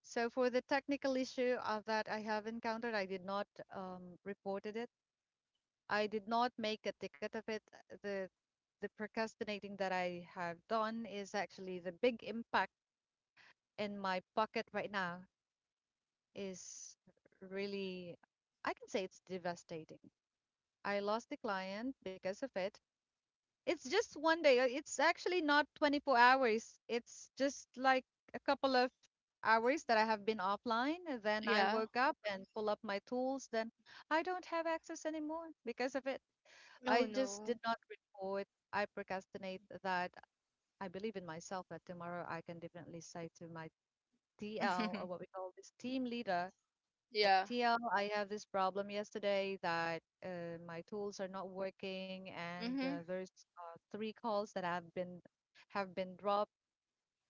S1: So for the technical issue of that I have encountered, I did not um reported it. I did not make a ticket of it. Uh, The the procrastinating that I have done is actually the big impact in my pocket right now, is really, I can say it's devastating. I lost the client because of it. It's just one day. uh, It's actually not twenty-four hours. It's just like a couple of hours that I have been offline. and then I
S2: Yeah.
S1: woke up and pull up my tools. Then I don't have access anymore because of it. I
S2: Oh
S1: just did
S2: no.
S1: not report. I procrastinate that, I believe in myself that tomorrow I can definitely say to my T L, or what we call this team leader, a
S2: Yeah.
S1: T L, I have this problem yesterday that uh, my tools are not working and uh,
S2: Mhm.
S1: there's uh, three calls that have been have been dropped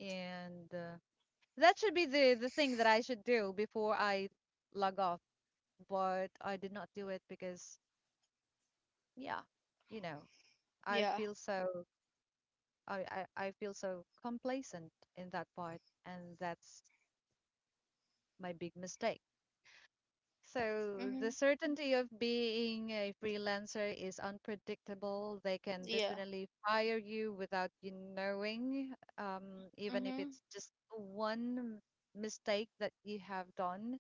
S1: and uh, that should be the the thing that I should do before I log off, but I did not do it because yeah, you know, I
S2: Yeah.
S1: feel so I, I, I feel so complacent in that part, and that's my big mistake. So the
S2: Mhm.
S1: certainty of being a freelancer is unpredictable. They can
S2: Yeah.
S1: definitely fire you without you knowing, um, even if
S2: Mhm.
S1: it's just one mistake that you have done.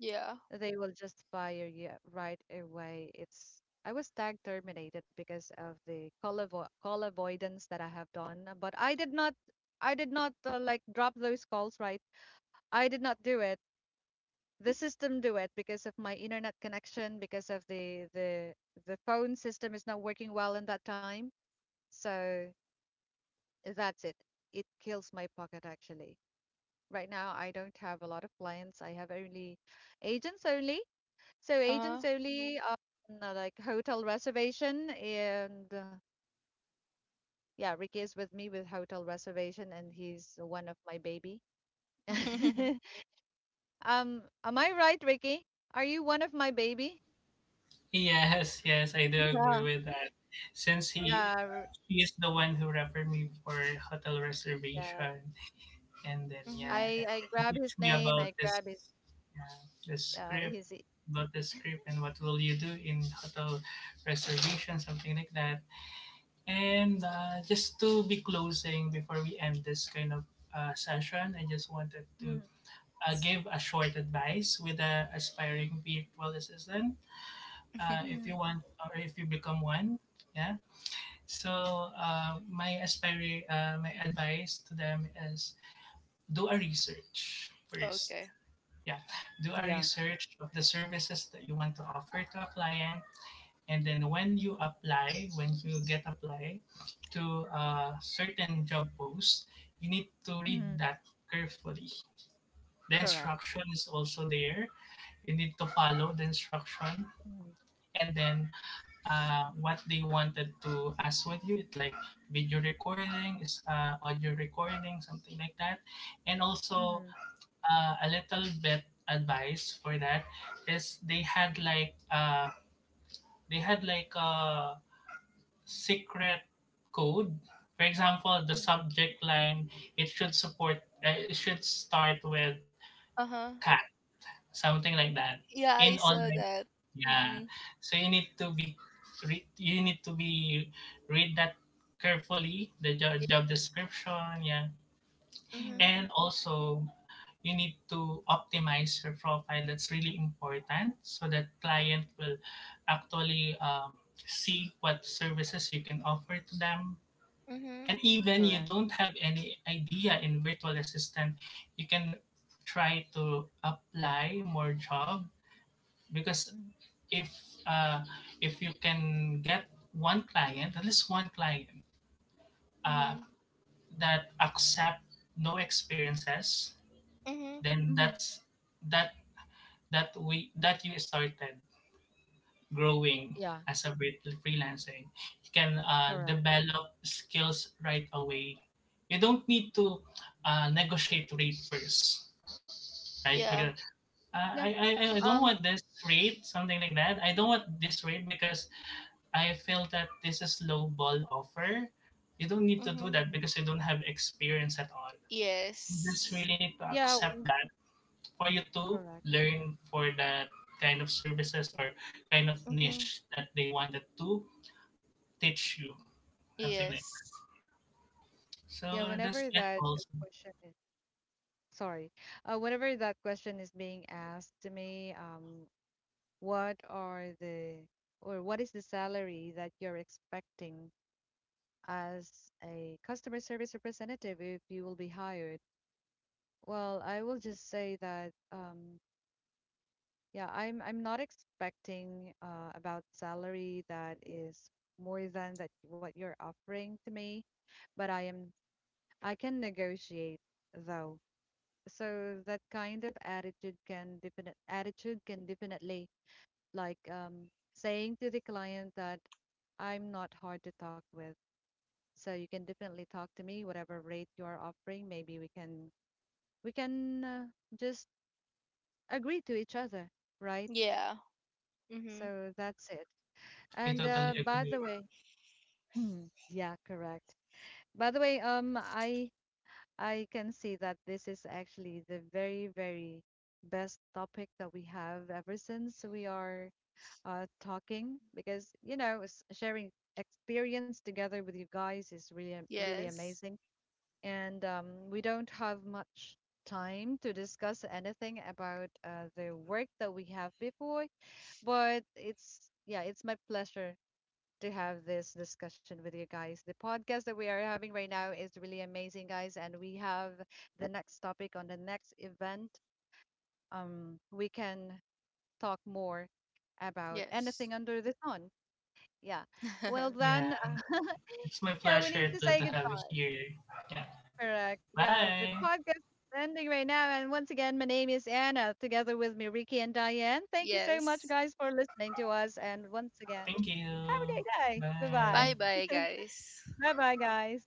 S2: Yeah.
S1: They will just fire you right away. It's I was tag terminated because of the call avo call avoidance that I have done, but I did not I did not uh, like drop those calls, right? I did not do it. The system do it because of my internet connection, because of the the the phone system is not working well in that time. So that's it. It kills my pocket actually. Right now, I don't have a lot of clients. I have only agents only. So
S2: Uh
S1: agents
S2: huh.
S1: only, um, uh, like hotel reservation, and uh, yeah, Ricky is with me with hotel reservation, and he's one of my baby. Um, am I right, Ricky? Are you one of my baby?
S3: Yes, yes, I do
S1: Yeah,
S3: agree with that. Since
S1: yeah,
S3: he
S1: r-
S3: he is the one who referred me for hotel
S1: yeah.
S3: reservation, and then yeah,
S2: Mhm.
S1: I
S3: and
S1: I
S3: then he
S1: grab
S3: teach
S1: his
S3: me
S1: name.
S3: about
S1: I
S3: this,
S1: grab his
S3: yeah, this
S1: uh
S3: script,
S1: his. e-
S3: about the script, and what will you do in hotel reservation, something like that. And uh, just to be closing before we end this kind of uh, session, I just wanted to
S1: Mhm,
S3: uh, give a short advice with the aspiring virtual assistant, uh, if you
S1: mhm.
S3: want, or if you become one. Yeah, so uh, my aspire uh, my advice to them is, do a research first.
S2: Okay.
S3: Yeah, do a
S1: Yeah.
S3: research of the services that you want to offer to a client. And then when you apply when you get apply to a certain job post, you need to read
S1: Mhm.
S3: that carefully. The
S1: Correct.
S3: instruction is also there. You need to follow the instruction,
S1: Mhm,
S3: and then uh, what they wanted to ask with you, it like video recordings, uh, audio recording, something like that. And also,
S1: mhm,
S3: uh, a little bit advice for that is, they had like uh, they had like a secret code. For example, the
S1: mhm,
S3: subject line, it should support uh, it should start with
S2: Uh huh.
S3: cat, something like that,
S2: Yeah, I
S3: in
S2: saw
S3: online.
S2: that.
S3: Yeah.
S2: Mm-mm.
S3: So you need to be re- you need to be read that carefully, the job,
S2: Yeah.
S3: job description, yeah.
S1: mhm.
S2: Mhm.
S3: And also you need to optimize your profile. That's really important so that client will actually um, see what services you can offer to them.
S2: Mhm.
S3: And even you
S1: Correct.
S3: don't have any idea in virtual assistant, you can try to apply more job because
S1: Mhm,
S3: if uh, if you can get one client, at least one client uh,
S2: Mhm.
S3: that accept no experiences,
S2: Mhm.
S3: then
S1: mhm.
S3: that's that that we that you started growing
S1: Yeah.
S3: as a free- freelancing. You can uh,
S1: Correct.
S3: develop skills right away. You don't need to uh, negotiate rate first, right?
S2: Yeah.
S3: Because uh, I,
S1: Yeah.
S3: I I don't
S1: Um.
S3: want this rate, something like that. I don't want this rate because I feel that this is lowball offer. You don't need to do
S2: Mhm.
S3: that because you don't have experience at all. You just
S2: Yes.
S3: really need to
S1: Yeah.
S3: accept that for you to
S1: Correct.
S3: learn for that kind of services or kind of
S2: Mhm.
S3: niche that they wanted to teach you. Something like that.
S2: Yes.
S1: Yeah,
S2: Mm.
S3: So that's
S1: whenever
S3: it
S1: that uh,
S3: also.
S1: question is, sorry, uh, whenever that question is being asked to me, um, what are the or what is the salary that you're expecting as a customer service representative if you will be hired? Well, I will just say that um, yeah, I'm I'm not expecting uh, about salary that is more than that what you're offering to me, but I am, I can negotiate though. So that kind of attitude can definite attitude can definitely like um, saying to the client that I'm not hard to talk with. So you can definitely talk to me, whatever rate you are offering. Maybe we can we can uh, just agree to each other, right?
S2: Yeah. Mm-hmm.
S1: So that's it.
S3: I
S1: And uh,
S3: totally
S1: by
S3: agree.
S1: the way, mm, yeah, correct. By the way, um, I I can see that this is actually the very, very best topic that we have ever since we are uh, talking because, you know, s- sharing experience together with you guys is really, am- really
S2: Yes.
S1: amazing. And um, we don't have much time to discuss anything about uh, the work that we have before, but it's, yeah, it's my pleasure to have this discussion with you guys. The podcast that we are having right now is really amazing, guys, and we have the next topic on the next event. Um, we can talk more about anything
S2: Yes.
S1: under the sun. Yeah. Well,
S3: Yeah.
S1: then,
S3: It's my
S1: yeah, we need
S3: pleasure
S1: to
S3: to,
S1: say
S3: to have you
S1: goodbye.
S3: here. Yeah.
S1: Correct. Yeah, the
S3: Bye.
S1: podcast is ending right now. And once again, my name is Anna, together with me, Ricky and Diane. Thank you so much,
S2: Yes.
S1: guys, for listening to us. And once
S3: Thank
S1: again, have
S3: you.
S1: a great day. Bye
S3: Bye.
S2: Bye
S1: bye.
S2: bye, guys.
S1: Bye bye, guys.